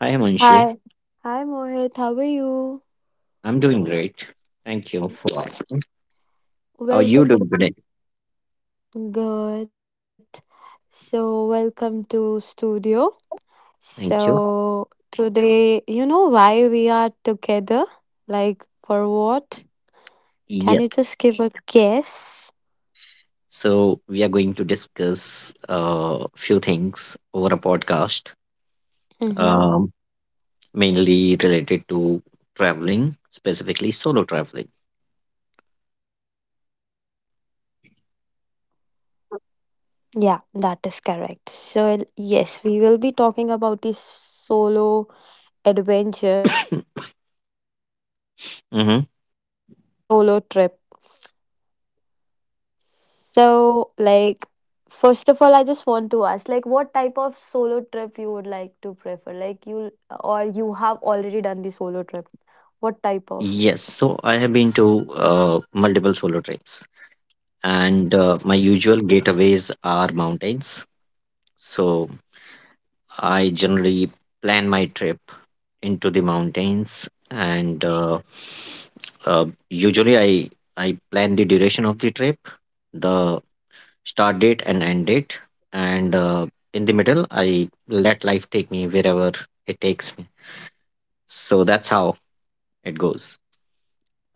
Hi, Munshi. Hi. Hi Mohit, how are I'm you? doing great. Thank you for asking. How are you doing today? Welcome. Good. So welcome to studio. Thank you. So today, you know why we are together? Like for what? Yes. Can you just give a guess? So we are going to discuss a few things over a podcast, um, Mm-hmm. mainly related to traveling, specifically solo traveling. Yeah, that is correct. So yes, we will be talking about this solo adventure. What was the adventure when we hmm went for solo trip? So, like, first of all, I just want to ask, like, what type of solo trip you would like to prefer? Like, you or you have already done the solo trip. Yes. What type So I of? have been to multiple solo trips, and my usual getaways are mountains. So I generally plan my trip into the mountains and usually I plan the duration of the trip, the start date and end date, and in the middle I let life take me wherever it takes me. So that's how it goes.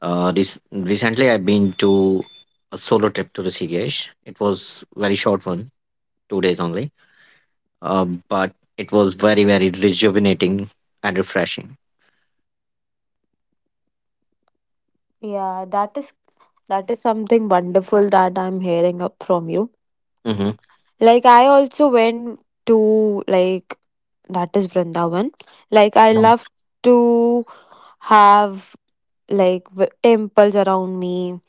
This recently I've been to a solo trip to Rishikesh. It was very short one, 2 days only, but it was very very rejuvenating and refreshing. Yeah, that is something wonderful that I'm hearing up from you. Mhm, Like, I also went to like that is Vrindavan. Like, I mhm, love to have like temples around me.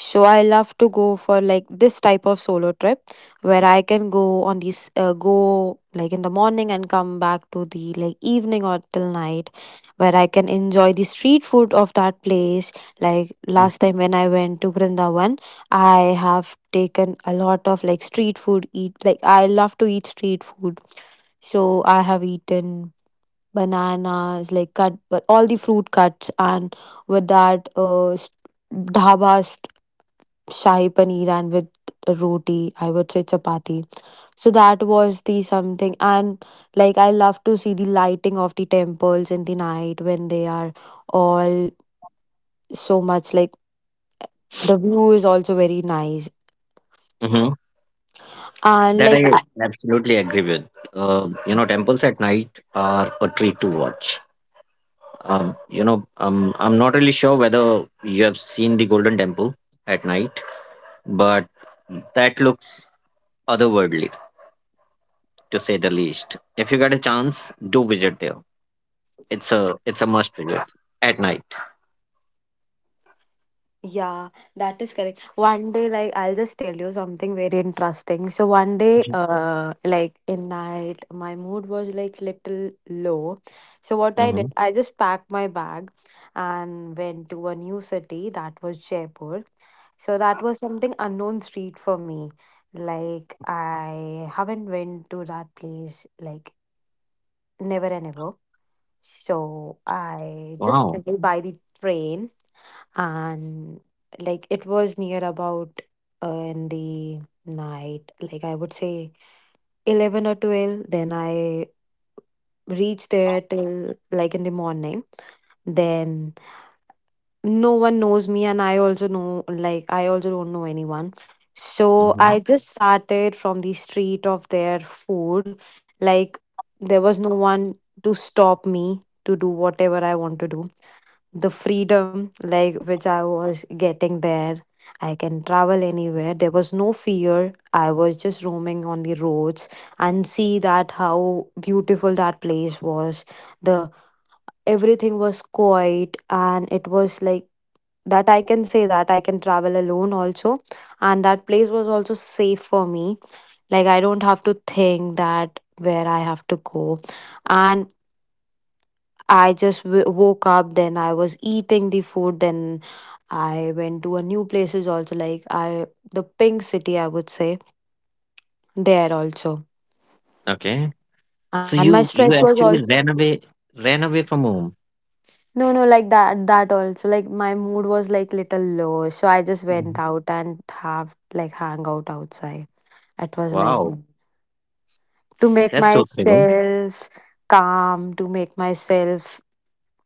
So I love to go for like this type of solo trip where I can go on these go like in the morning and come back to the like evening or till night where I can enjoy the street food of that place. Like mm, last time when I went to Vrindavan, I have taken a lot of like street food eat like I love to eat street food. So I have eaten bananas, like cut, but all the fruit cuts, and with that, dhaba st- shahi paneer and with roti, I would say chapati. So that was the something, and like I love to see the lighting of the temples in the night when they are all so much like the view is also very nice. mhm. And That like I absolutely agree with. You know, temples at night are a treat to watch. I'm not really sure whether you have seen the Golden Temple at night, but that looks otherworldly, to say the least. If you get a chance, do visit there. It's a must visit at night. Yeah, that is correct. One day, like, I'll just tell you something very interesting. So, one day, like, in night, my mood was like little low. So, what I Mm-hmm. did, I just packed my bag and went to a new city that was Jaipur. So, that was something unknown street for me. Like, I haven't went to that place, like, never and ever. So, I just Wow. traveled by the train, and like it was near about in the night, like I would say 11 or 12, then I reached there till like in the morning. Then no one knows me, and I also don't know anyone. So I, Mm-hmm. okay, just started from the street of their food. Like there was no one to stop me to do whatever I want to do, the freedom like which I was getting there. I can travel anywhere, there was no fear. I was just roaming on the roads and see that how beautiful that place was, the everything was quiet, and it was like that I can say that I can travel alone also, and that place was also safe for me, like I don't have to think that where I have to go. And I just woke up, then I was eating the food. Then I went to a new places also, like I the pink city I would say there also. Okay. And So my you stress you was also actually ran away from home. No, no, like that also, like my mood was like little low, so I just went Mhm. out and have like hang out outside. It was like Wow, to make that's so thrilling. myself calm, to make myself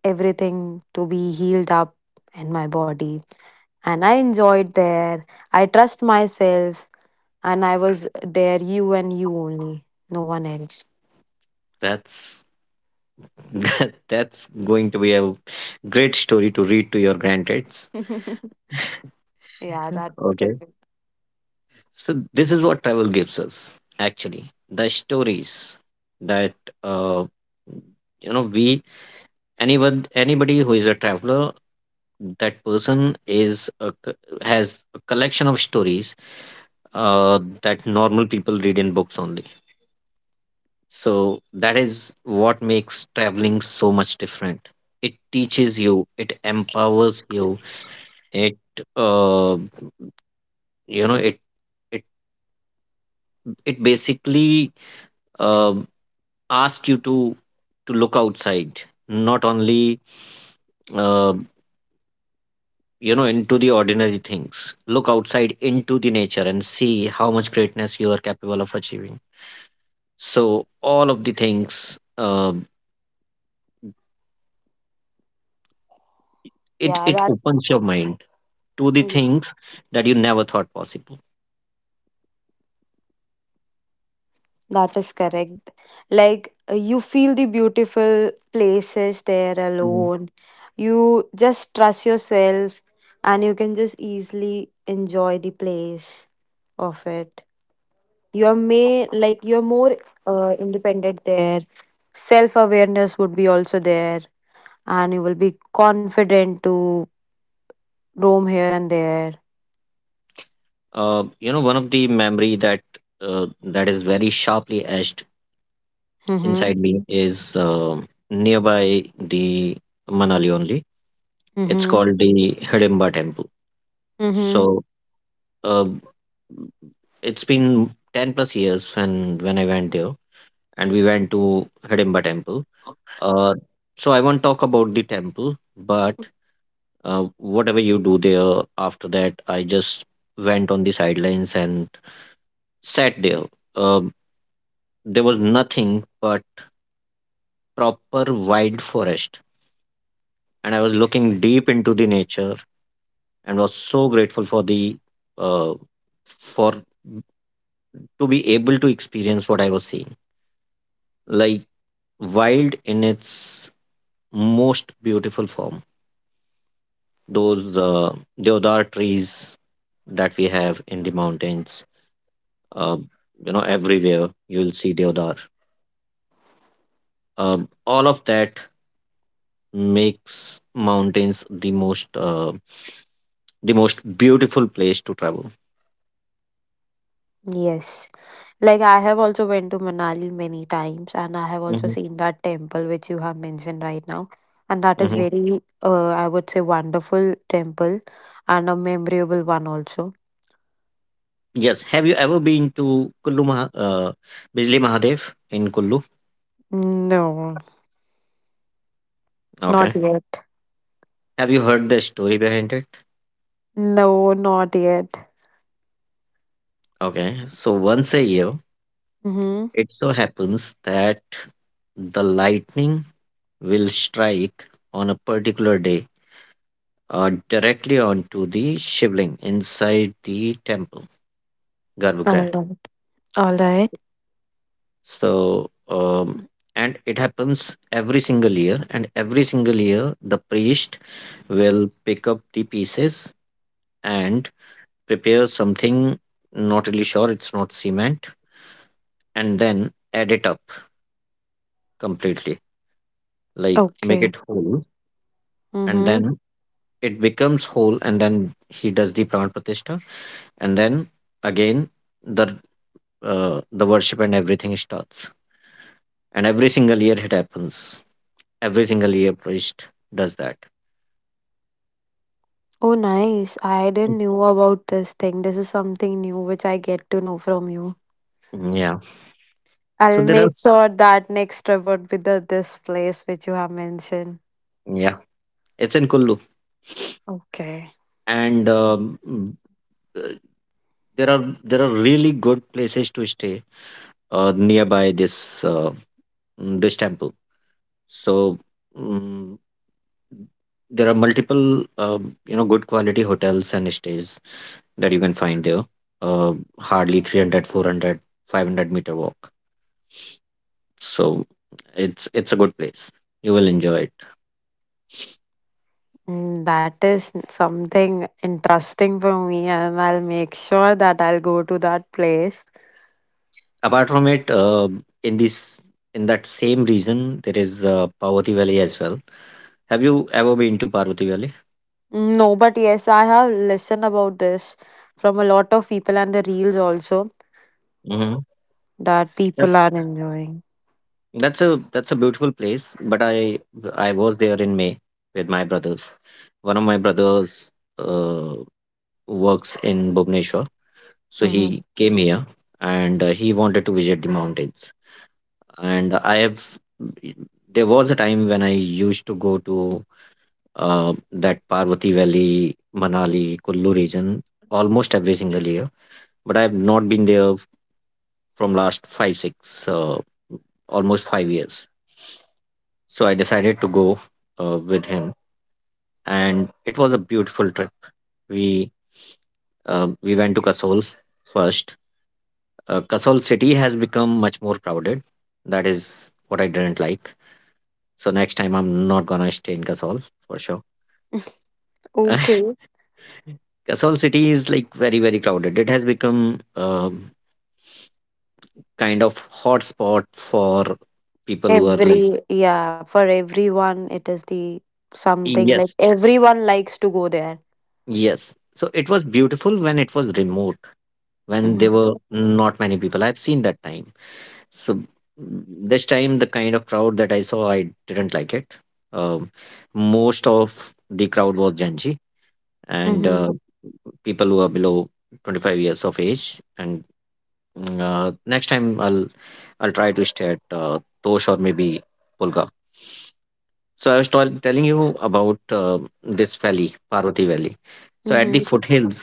everything to be healed up in my body, and I enjoyed there. I trust myself. And I was there, you and you only, no one else. That's that's going to be a great story to read to your grandkids. Yeah, Mhm. that's Okay. correct. So this is what travel gives us, actually. The stories that uh you know we anyone anybody who is a traveler, that person has a collection of stories that normal people read in books only, so that is what makes traveling so much different. It teaches you, it empowers you. It uh, you know it it it basically uh, asks you to look outside, not only uh, you know, into the ordinary things. Look outside into the nature and see how much greatness you are capable of achieving. So all of the things, it Yeah, opens your mind to the yes, things that you never thought possible. that is correct. Like you feel the beautiful places there Mhm. alone. You just trust yourself, and you can just easily enjoy the place of it. You're may like You're more independent there. Self awareness would be also there, and you will be confident to roam here and there. You know, one of the memory that that is very sharply etched Mhm. inside me is nearby the Manali only. It's Mhm. called the Hidimba Temple. Mhm. So uh, it's been 10 plus years when, I went there and we went to Hidimba Temple. Uh, so I won't talk about the temple, but whatever you do there after that, I just went on the sidelines and sat there. Uh, there was nothing but proper wild forest, and I was looking deep into the nature and was so grateful for the uh, for to be able to experience what I was seeing, like wild in its most beautiful form. Those deodar trees that we have in the mountains, uh, you know, everywhere you'll see deodar. All of that makes mountains the most beautiful place to travel. Yes. Like I have also went to Manali many times, and I have also Mhm, seen that temple which you have mentioned right now. And that is mhm. very I would say wonderful temple and a memorable one also. Yes. Have you ever been to Kullu Maha, Bijli Mahadev in Kullu? No, not Okay. yet. Have you heard the story behind it? No, not yet. Okay. So once a year, Mm-hmm. it so happens that the lightning will strike on a particular day, directly onto the shivling inside the temple, All Garbhagriha. right. All right. So, and it happens every single year, and every single year the priest will pick up the pieces and prepare something, not really sure, it's not cement, and then add it up completely, like make Okay. it whole, and Mm-hmm. then it becomes whole, and then he does the pran pratishtha, and then again the the worship and everything starts, and every single year it happens. Every single year priest does that. Oh, nice. I didn't knew about this thing. This is something new which I get to know from you. Yeah. So I'll there are, make sure that next trip would be the this place which you have mentioned. yeah, it's in Kullu, Okay. and uh, there are really good places to stay nearby this, this temple. So, mm, there are multiple, you know, good quality hotels and stays that you can find there. Hardly 300, 400, 500 meter walk. So it's a good place. You will enjoy it. Mm, that is something interesting for me, and I'll make sure that I'll go to that place. Apart from it, in this in that same region, there is Parvati Valley as well. Have you ever been to Parvati Valley? Mm, no, but yes, I have listened about this from a lot of people, and the reels also Mm-hmm. that people That's are enjoying. that's a that's a beautiful place. But I was there in May with my brothers. One of my brothers uh, works in Bhubaneswar, so he Hmm. came here and he wanted to visit the mountains. And I have, there was a time when I used to go to that Parvati Valley, Manali, Kullu region almost every single year, but I have not been there from last 5 6 uh, almost 5 years. So I decided to go with him, and it was a beautiful trip. We we went to Kasol first. Kasol city has become much more crowded. That is what I didn't like. So next time I'm not gonna stay in Kasol for sure. Okay. Kasol city is like very very crowded. It has become kind of hotspot for people who are like, Yeah, for everyone, it is the something, like yes, everyone likes to go there. yes. So it was beautiful when it was remote, when there were Mm-hmm. not many people. I've seen that time. So mm, this time, the kind of crowd that I saw, I didn't like it. Um, most of the crowd was Gen Z and Mm-hmm. People who are below 25 years of age. And next time, I'll try to stay at Tosh or maybe Pulga. So I was telling you about this valley, Parvati Valley. So at the Mm-hmm. foothills,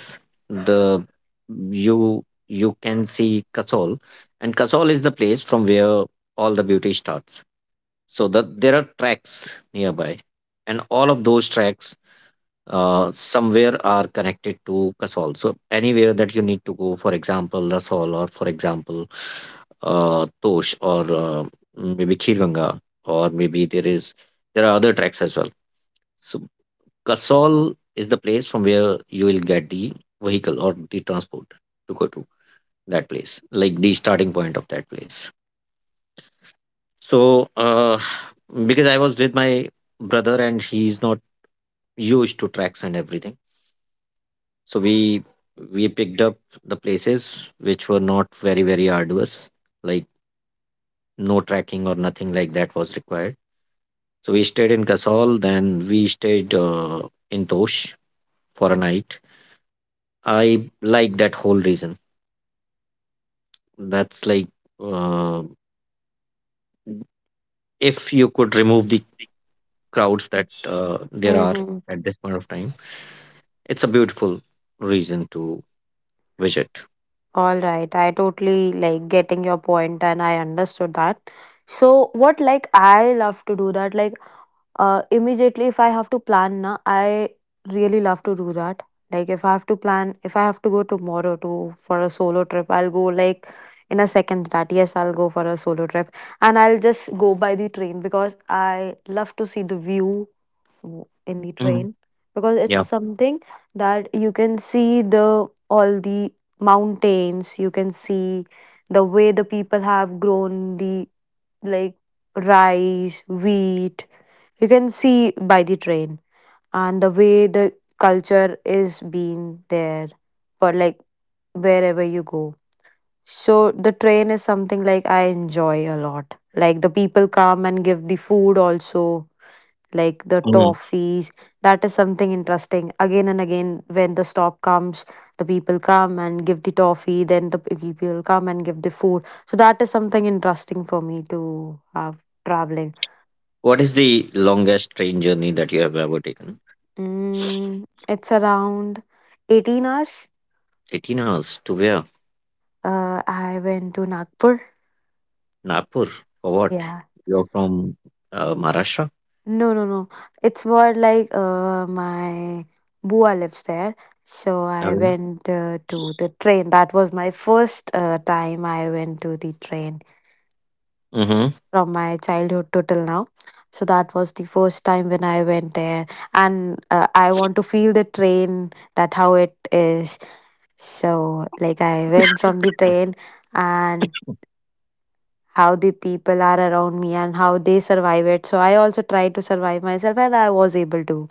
the you can see Kasol, and Kasol is the place from where all the beauty starts. So that there are tracks nearby, and all of those tracks somewhere are connected to Kasol. So anywhere that you need to go, for example, Rasol, or for example, Tosh, or maybe Khirganga, or maybe there is there are other tracks as well. So Kasol is the place from where you will get the vehicle or the transport to go to that place, like the starting point of that place. So, because I was with my brother and he's not used to tracks and everything, so we picked up the places which were not very very arduous, like no tracking or nothing like that was required. So we stayed in Kasol, then we stayed in Tosh for a night. I like that whole reason. That's like, uh, if you could remove the crowds that there are Mm-hmm. at this point of time, it's a beautiful reason to visit. All right, I totally like getting your point, and I understood that. So what like I love to do that, like immediately if I have to plan na, I really love to do that. Like if I have to plan, if I have to go tomorrow to for a solo trip, I'll go like in a second that yes, I'll go for a solo trip. And I'll just go by the train because I love to see the view in the Mhm. train because it's Yeah. something that you can see the all the mountains, you can see the way the people have grown the like rice wheat, you can see by the train, and the way the culture is being there for like wherever you go. So the train is something like I enjoy a lot, like the people come and give the food also, like the Mhm. toffees. That is something interesting. Again and again, when the stop comes, the people come and give the toffee, then the people come and give the food. So that is something interesting for me to have traveling. What is the longest train journey that you have ever taken? Mm, it's around 18 hours. 18 hours to where? I went to Nagpur. Nagpur. For what? Yeah. You're from Maharashtra? No, no, no. It's more like my bua lives there. So I Mhm. went to the train. That was my first time I went to the train Mm-hmm. from my childhood to till now. So that was the first time when I went there. And I want to feel the train, that how it is. So, like, I went from the train, and how the people are around me and how they survive it. So, I also tried to survive myself, and I was able to.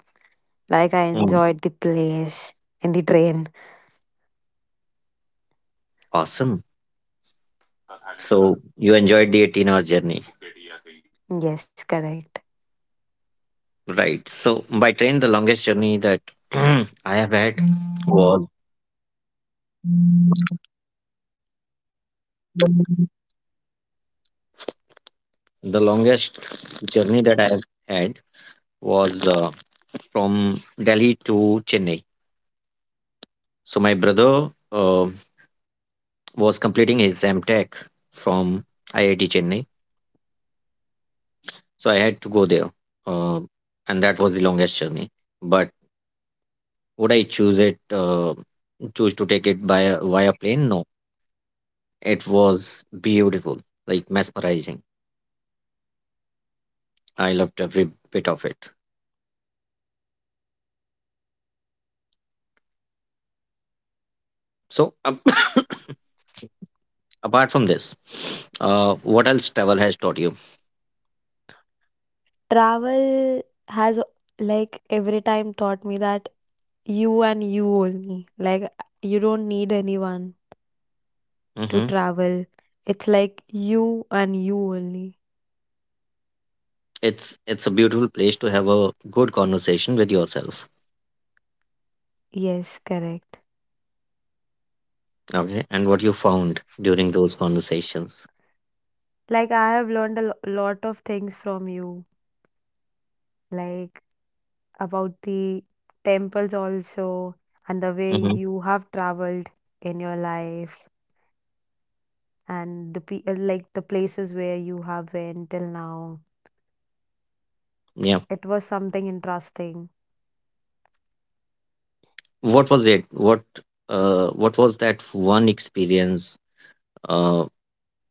Like I Mhm. enjoyed the place and the train. Awesome. So you enjoyed the 18-hour journey. Yes, correct. Right. So by train, the longest journey that I have had was the longest journey that I have had was from Delhi to Chennai. So my brother was completing his M Tech from IIT Chennai. So I had to go there, uh, and that was the longest journey. But would I choose it? Choose to take it by via plane? No. It was beautiful, like mesmerizing. I loved every bit of it. So apart from this, what else travel has taught you? Travel has like every time taught me that you and you only. Like you don't need anyone to Hmm travel. It's like you and you only. It's a beautiful place to have a good conversation with yourself. Yes, correct. Okay, and what you found during those conversations? Like I have learned a lot of things from you, like about the temples also, and the way Hmm you have traveled in your life, and the like the places where you have been till now. Yeah, It was something interesting. what was it? What was that one experience uh,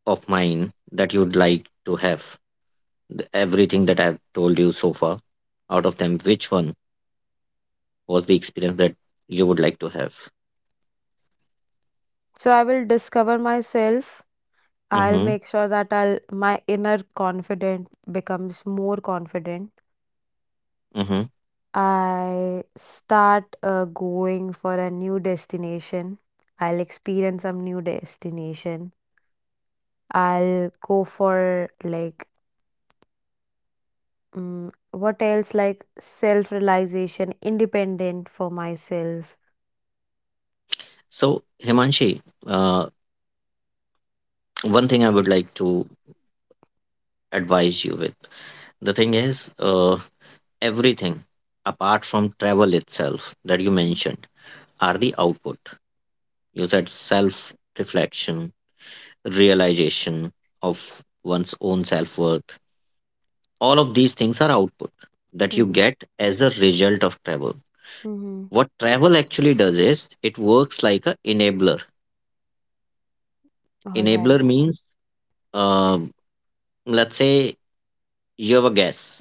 of mine that you'd like to have? Everything that I've told you so far, out of them, which one was the experience that you would like to have? So I will discover myself. I'll Mm-hmm. make sure that I'll my inner confident becomes more confident. Mm-hmm. I start going for a new destination. I'll experience some new destination. I'll go for like mm what else, like self realization, independent for myself. So, Himanshi, uh, one thing I would like to advise you with. The thing is, everything apart from travel itself that you mentioned are the output. You said self reflection, realization of one's own self worth. All of these things are output that you Mm-hmm. get as a result of travel. Mm-hmm. What travel actually does is it works like a enabler. All right. Enabler means, uh, let's say you have a gas,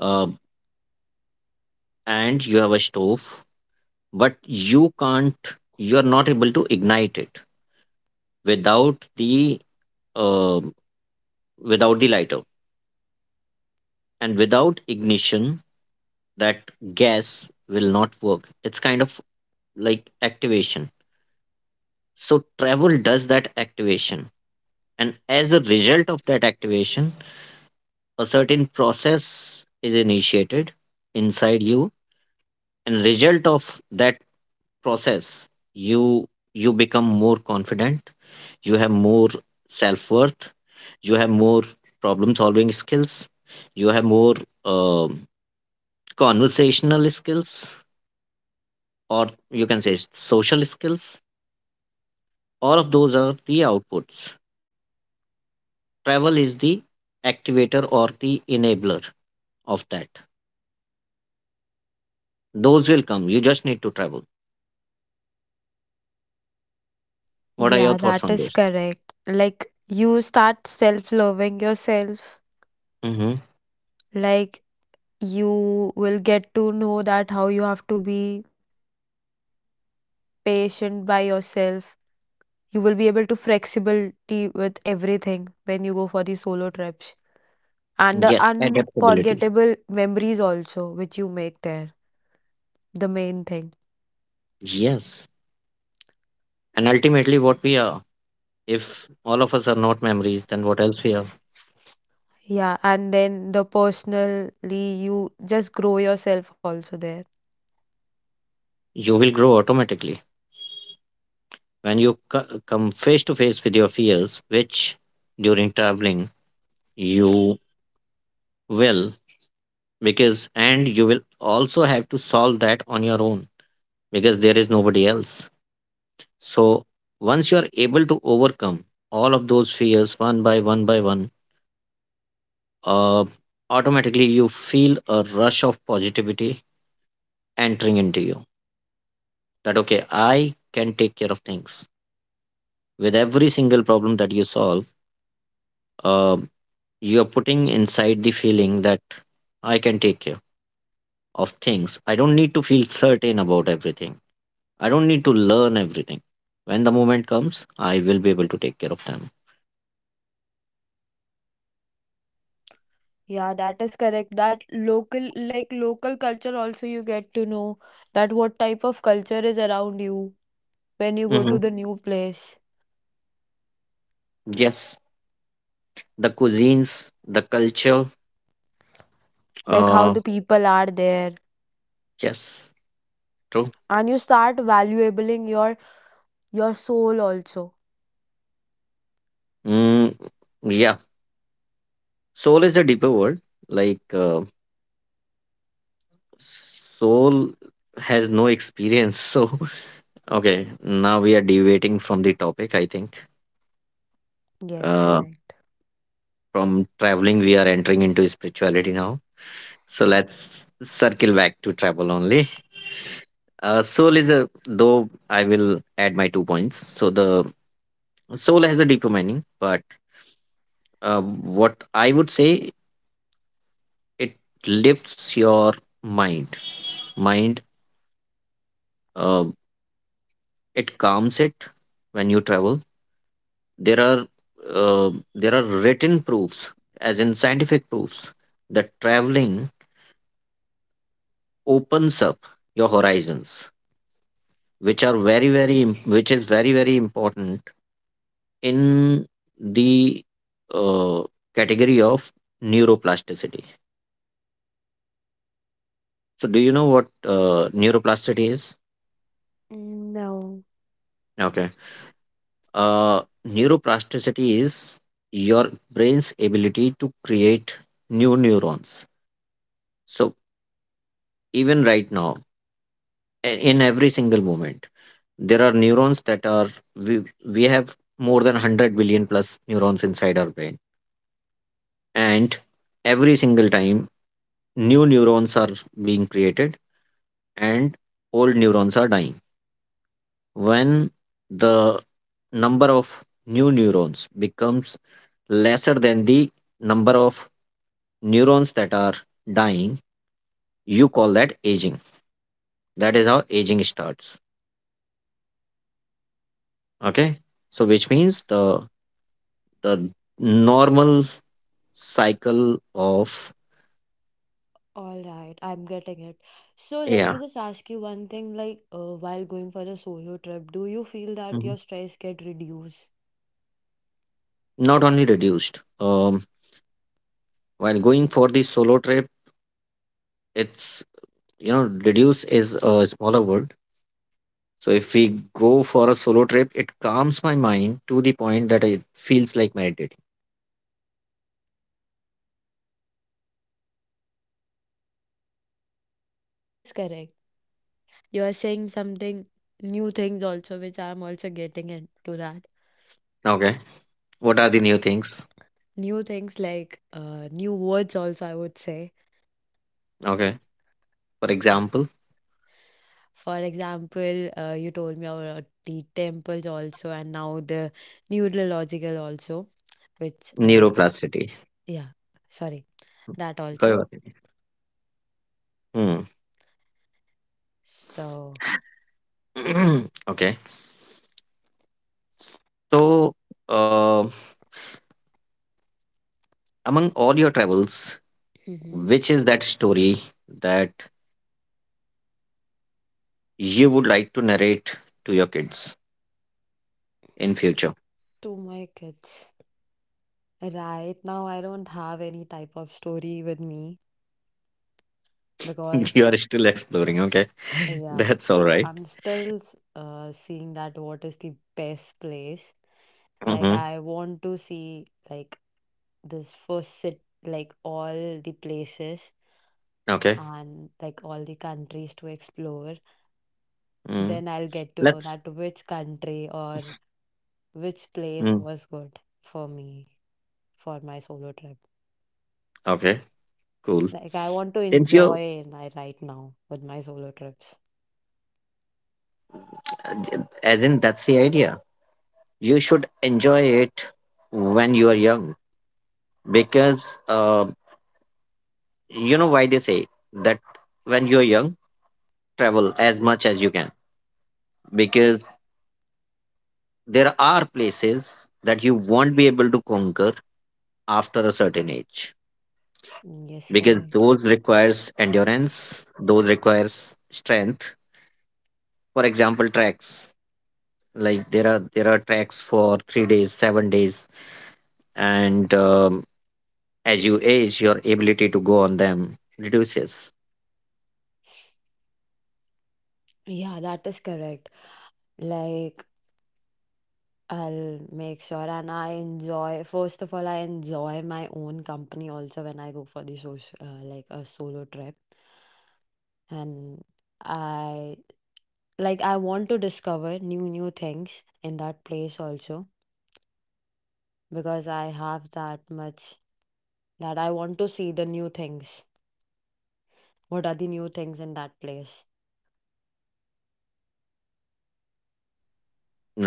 uh, and you have a stove, but you are not able to ignite it without the uh, without the lighter, and without ignition that gas will not work. It's kind of like activation. So travel does that activation. And as a result of that activation, a certain process is initiated inside you. And result of that process, you you become more confident, you have more self-worth, you have more problem solving skills, you have more um conversational skills, or you can say social skills, all of those are the outputs. Travel is the activator or the enabler of that. Those will come. You just need to travel. What are your Yeah, thoughts that on is those? correct. Like you start self loving yourself. Mm-hmm. Like you will get to know that how you have to be patient by yourself. You will be able to flexibility with everything when you go for these solo trips. And the Yes, adaptability. unforgettable memories also which you make there. The main thing. Yes. And ultimately, what we are, if all of us are not memories, then what else we are? Yeah, and then the personally you just grow yourself also there. You will grow automatically. When you come face to face with your fears, which during traveling you will, and you will also have to solve that on your own, because there is nobody else. So once you are able to overcome all of those fears one by one by one, uh, automatically you feel a rush of positivity entering into you. That okay, I can take care of things. With every single problem that you solve, uh, you are putting inside the feeling that I can take care of things. I don't need to feel certain about everything. I don't need to learn everything. When the moment comes, I will be able to take care of them. Yeah, that is correct. That local like local culture also you get to know, that what type of culture is around you when you go to Hmm. the new place, Yes, the cuisines, the culture. like how Uh, the people are there, yes, true. and you start valuabling your soul also. Mm, yeah, soul is a deeper word. Like uh, Soul has no experience. So okay, now we are deviating from the topic. I think Yes, uh, correct. from traveling we are entering into spirituality now. So let's circle back to travel only. Soul is a though I will add my two points. So the soul has a deeper meaning, but what I would say it lifts your mind mind. uh, it calms it when you travel. There are uh, there are written proofs, as in scientific proofs, that traveling opens up your horizons, which are which is very very important in the uh, category of neuroplasticity. So do you know what neuroplasticity is? No. Okay. Uh, Neuroplasticity is your brain's ability to create new neurons. So even right now, in every single moment, there are neurons that are we we have more than 100 billion plus neurons inside our brain, and every single time new neurons are being created and old neurons are dying. When the number of new neurons becomes lesser than the number of neurons that are dying, you call that aging. That is how aging starts. Okay. So which means the normal cycle of, All right, I'm getting it. So let me yeah. just ask you one thing, like while going for a solo trip, do you feel that Mhm. your stress get reduced? Not only reduced. While going for the solo trip, it's, you know, reduce is a smaller word. So if we go for a solo trip, it calms my mind to the point that it feels like meditating. Yeah, that is correct. You are saying something new things also, which I'm also getting into that. Okay. What are the new things? New things like new words also, I would say. Okay. For example, For example, you told me about the temples also, and now the neurological also, which, neuroplasticity. yeah, sorry, that also. Hmm. So, Okay. So, uh, among all your travels, hmm which is that story that you would like to narrate to your kids in future? to my kids. Right now, I don't have any type of story with me because, You are still exploring, okay? yeah, That's all right. I'm still seeing that what is the best place. Like, Mm-hmm. I want to see, like, this first sit like all the places, Okay. and like all the countries to explore, Mm. then I'll get to know Let's. that which country or which place Mm. was good for me for my solo trip. Okay. Cool. Like I want to Since you, enjoy my right now with my solo trips. As in, that's the idea. You should enjoy it when you are young, because you know why they say that when you are young, travel as much as you can, because there are places that you won't be able to conquer after a certain age, Yes, because correct. those requires endurance, those requires strength. For example tracks, like there are tracks for 3 days, 7 days, and as you age your ability to go on them reduces, Yeah, that is correct. Like I'll make sure, and I enjoy first of all, I enjoy my own company also when I go for the social like a solo trip, and I I want to discover new things in that place also because I have that much that I want to see the new things. What are the new things in that place?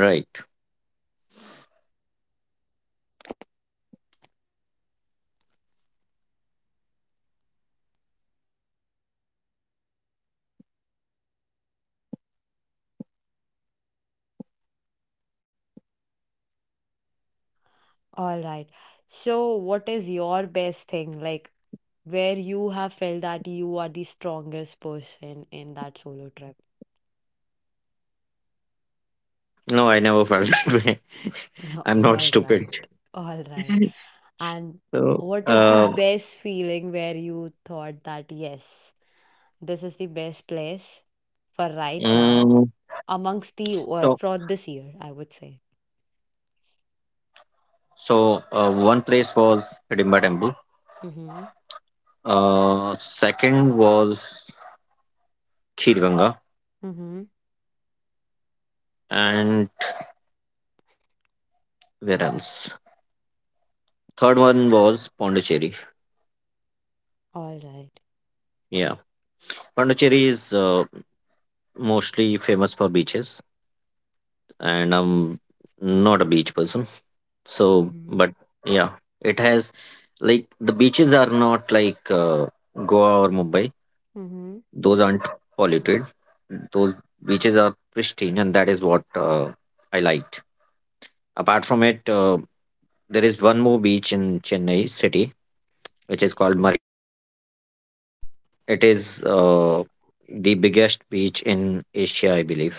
right? All right. So what is your best thing, like where you have felt that you are the strongest person in that solo trip? No, I never felt that way. I'm not All right. stupid. All right. And So what is the uh, best feeling where you thought that yes, this is the best place for right now, mm, amongst the so for this year, I would say. so one place was Hidimba temple. Mm-hmm. Second was Khirganga, Mm-hmm. and where else? Third one was Pondicherry. All right. Yeah, Pondicherry is mostly famous for beaches, and I'm not a beach person. So, Mm-hmm. but yeah, it has, like the beaches are not like Goa or Mumbai. Mm-hmm. Those aren't polluted. Those beaches are pristine, and that is what I liked. Apart from it, there is one more beach in Chennai city which is called Marina Beach. It is the biggest beach in Asia, I believe.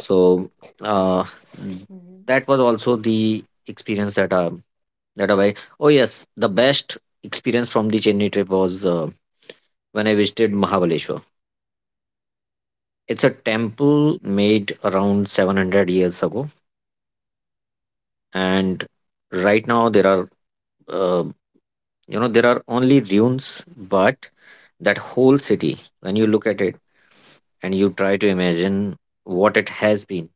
Mm-hmm. uh, n- that was also the experience that that I. Oh yes, the best experience from the Chennai trip was when I visited Mahabaleshwar. It's a temple made around 700 years ago, and right now there are uh, you know there are only ruins, but that whole city, when you look at it and you try to imagine what it has been,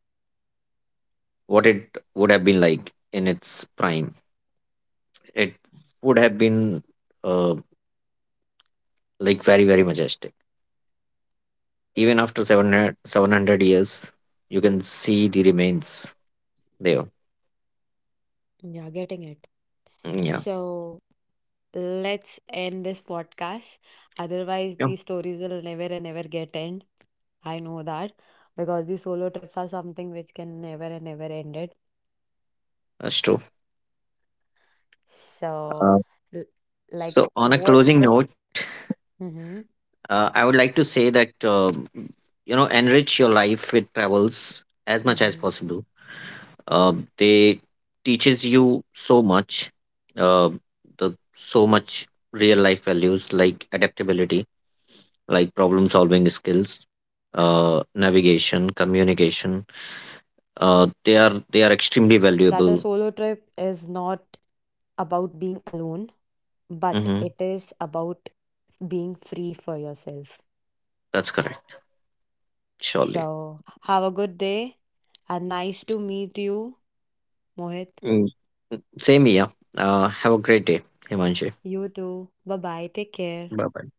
what it would have been like in its prime. It would have been uh, like very, very majestic. Even after 700 years, you can see the remains there. Yeah, getting it. Mm. Yeah, So let's end this podcast. Otherwise, yeah, these stories will never and never get end. I know that because the solo trips are something which can never and never end it. that's true. Uh, So, l- like so, on a what? closing note, Hmm. Mm-hmm. I would like to say that, you know, enrich your life with travels as much as Mm-hmm. possible. They teaches you so much, uh, the so much real life values like adaptability, like problem solving skills, Yeah, that is correct. navigation, So I'm also ending communication. with this one they are good they are thing extremely that a valuable. solo trip is not about being alone, but Mm-hmm. it is about being free for yourself. That's correct. Surely. So have a good day, and nice to meet you, Mohit. Mm, same here. Have a great day, Himanshi. You too. Bye bye. Take care. Bye bye.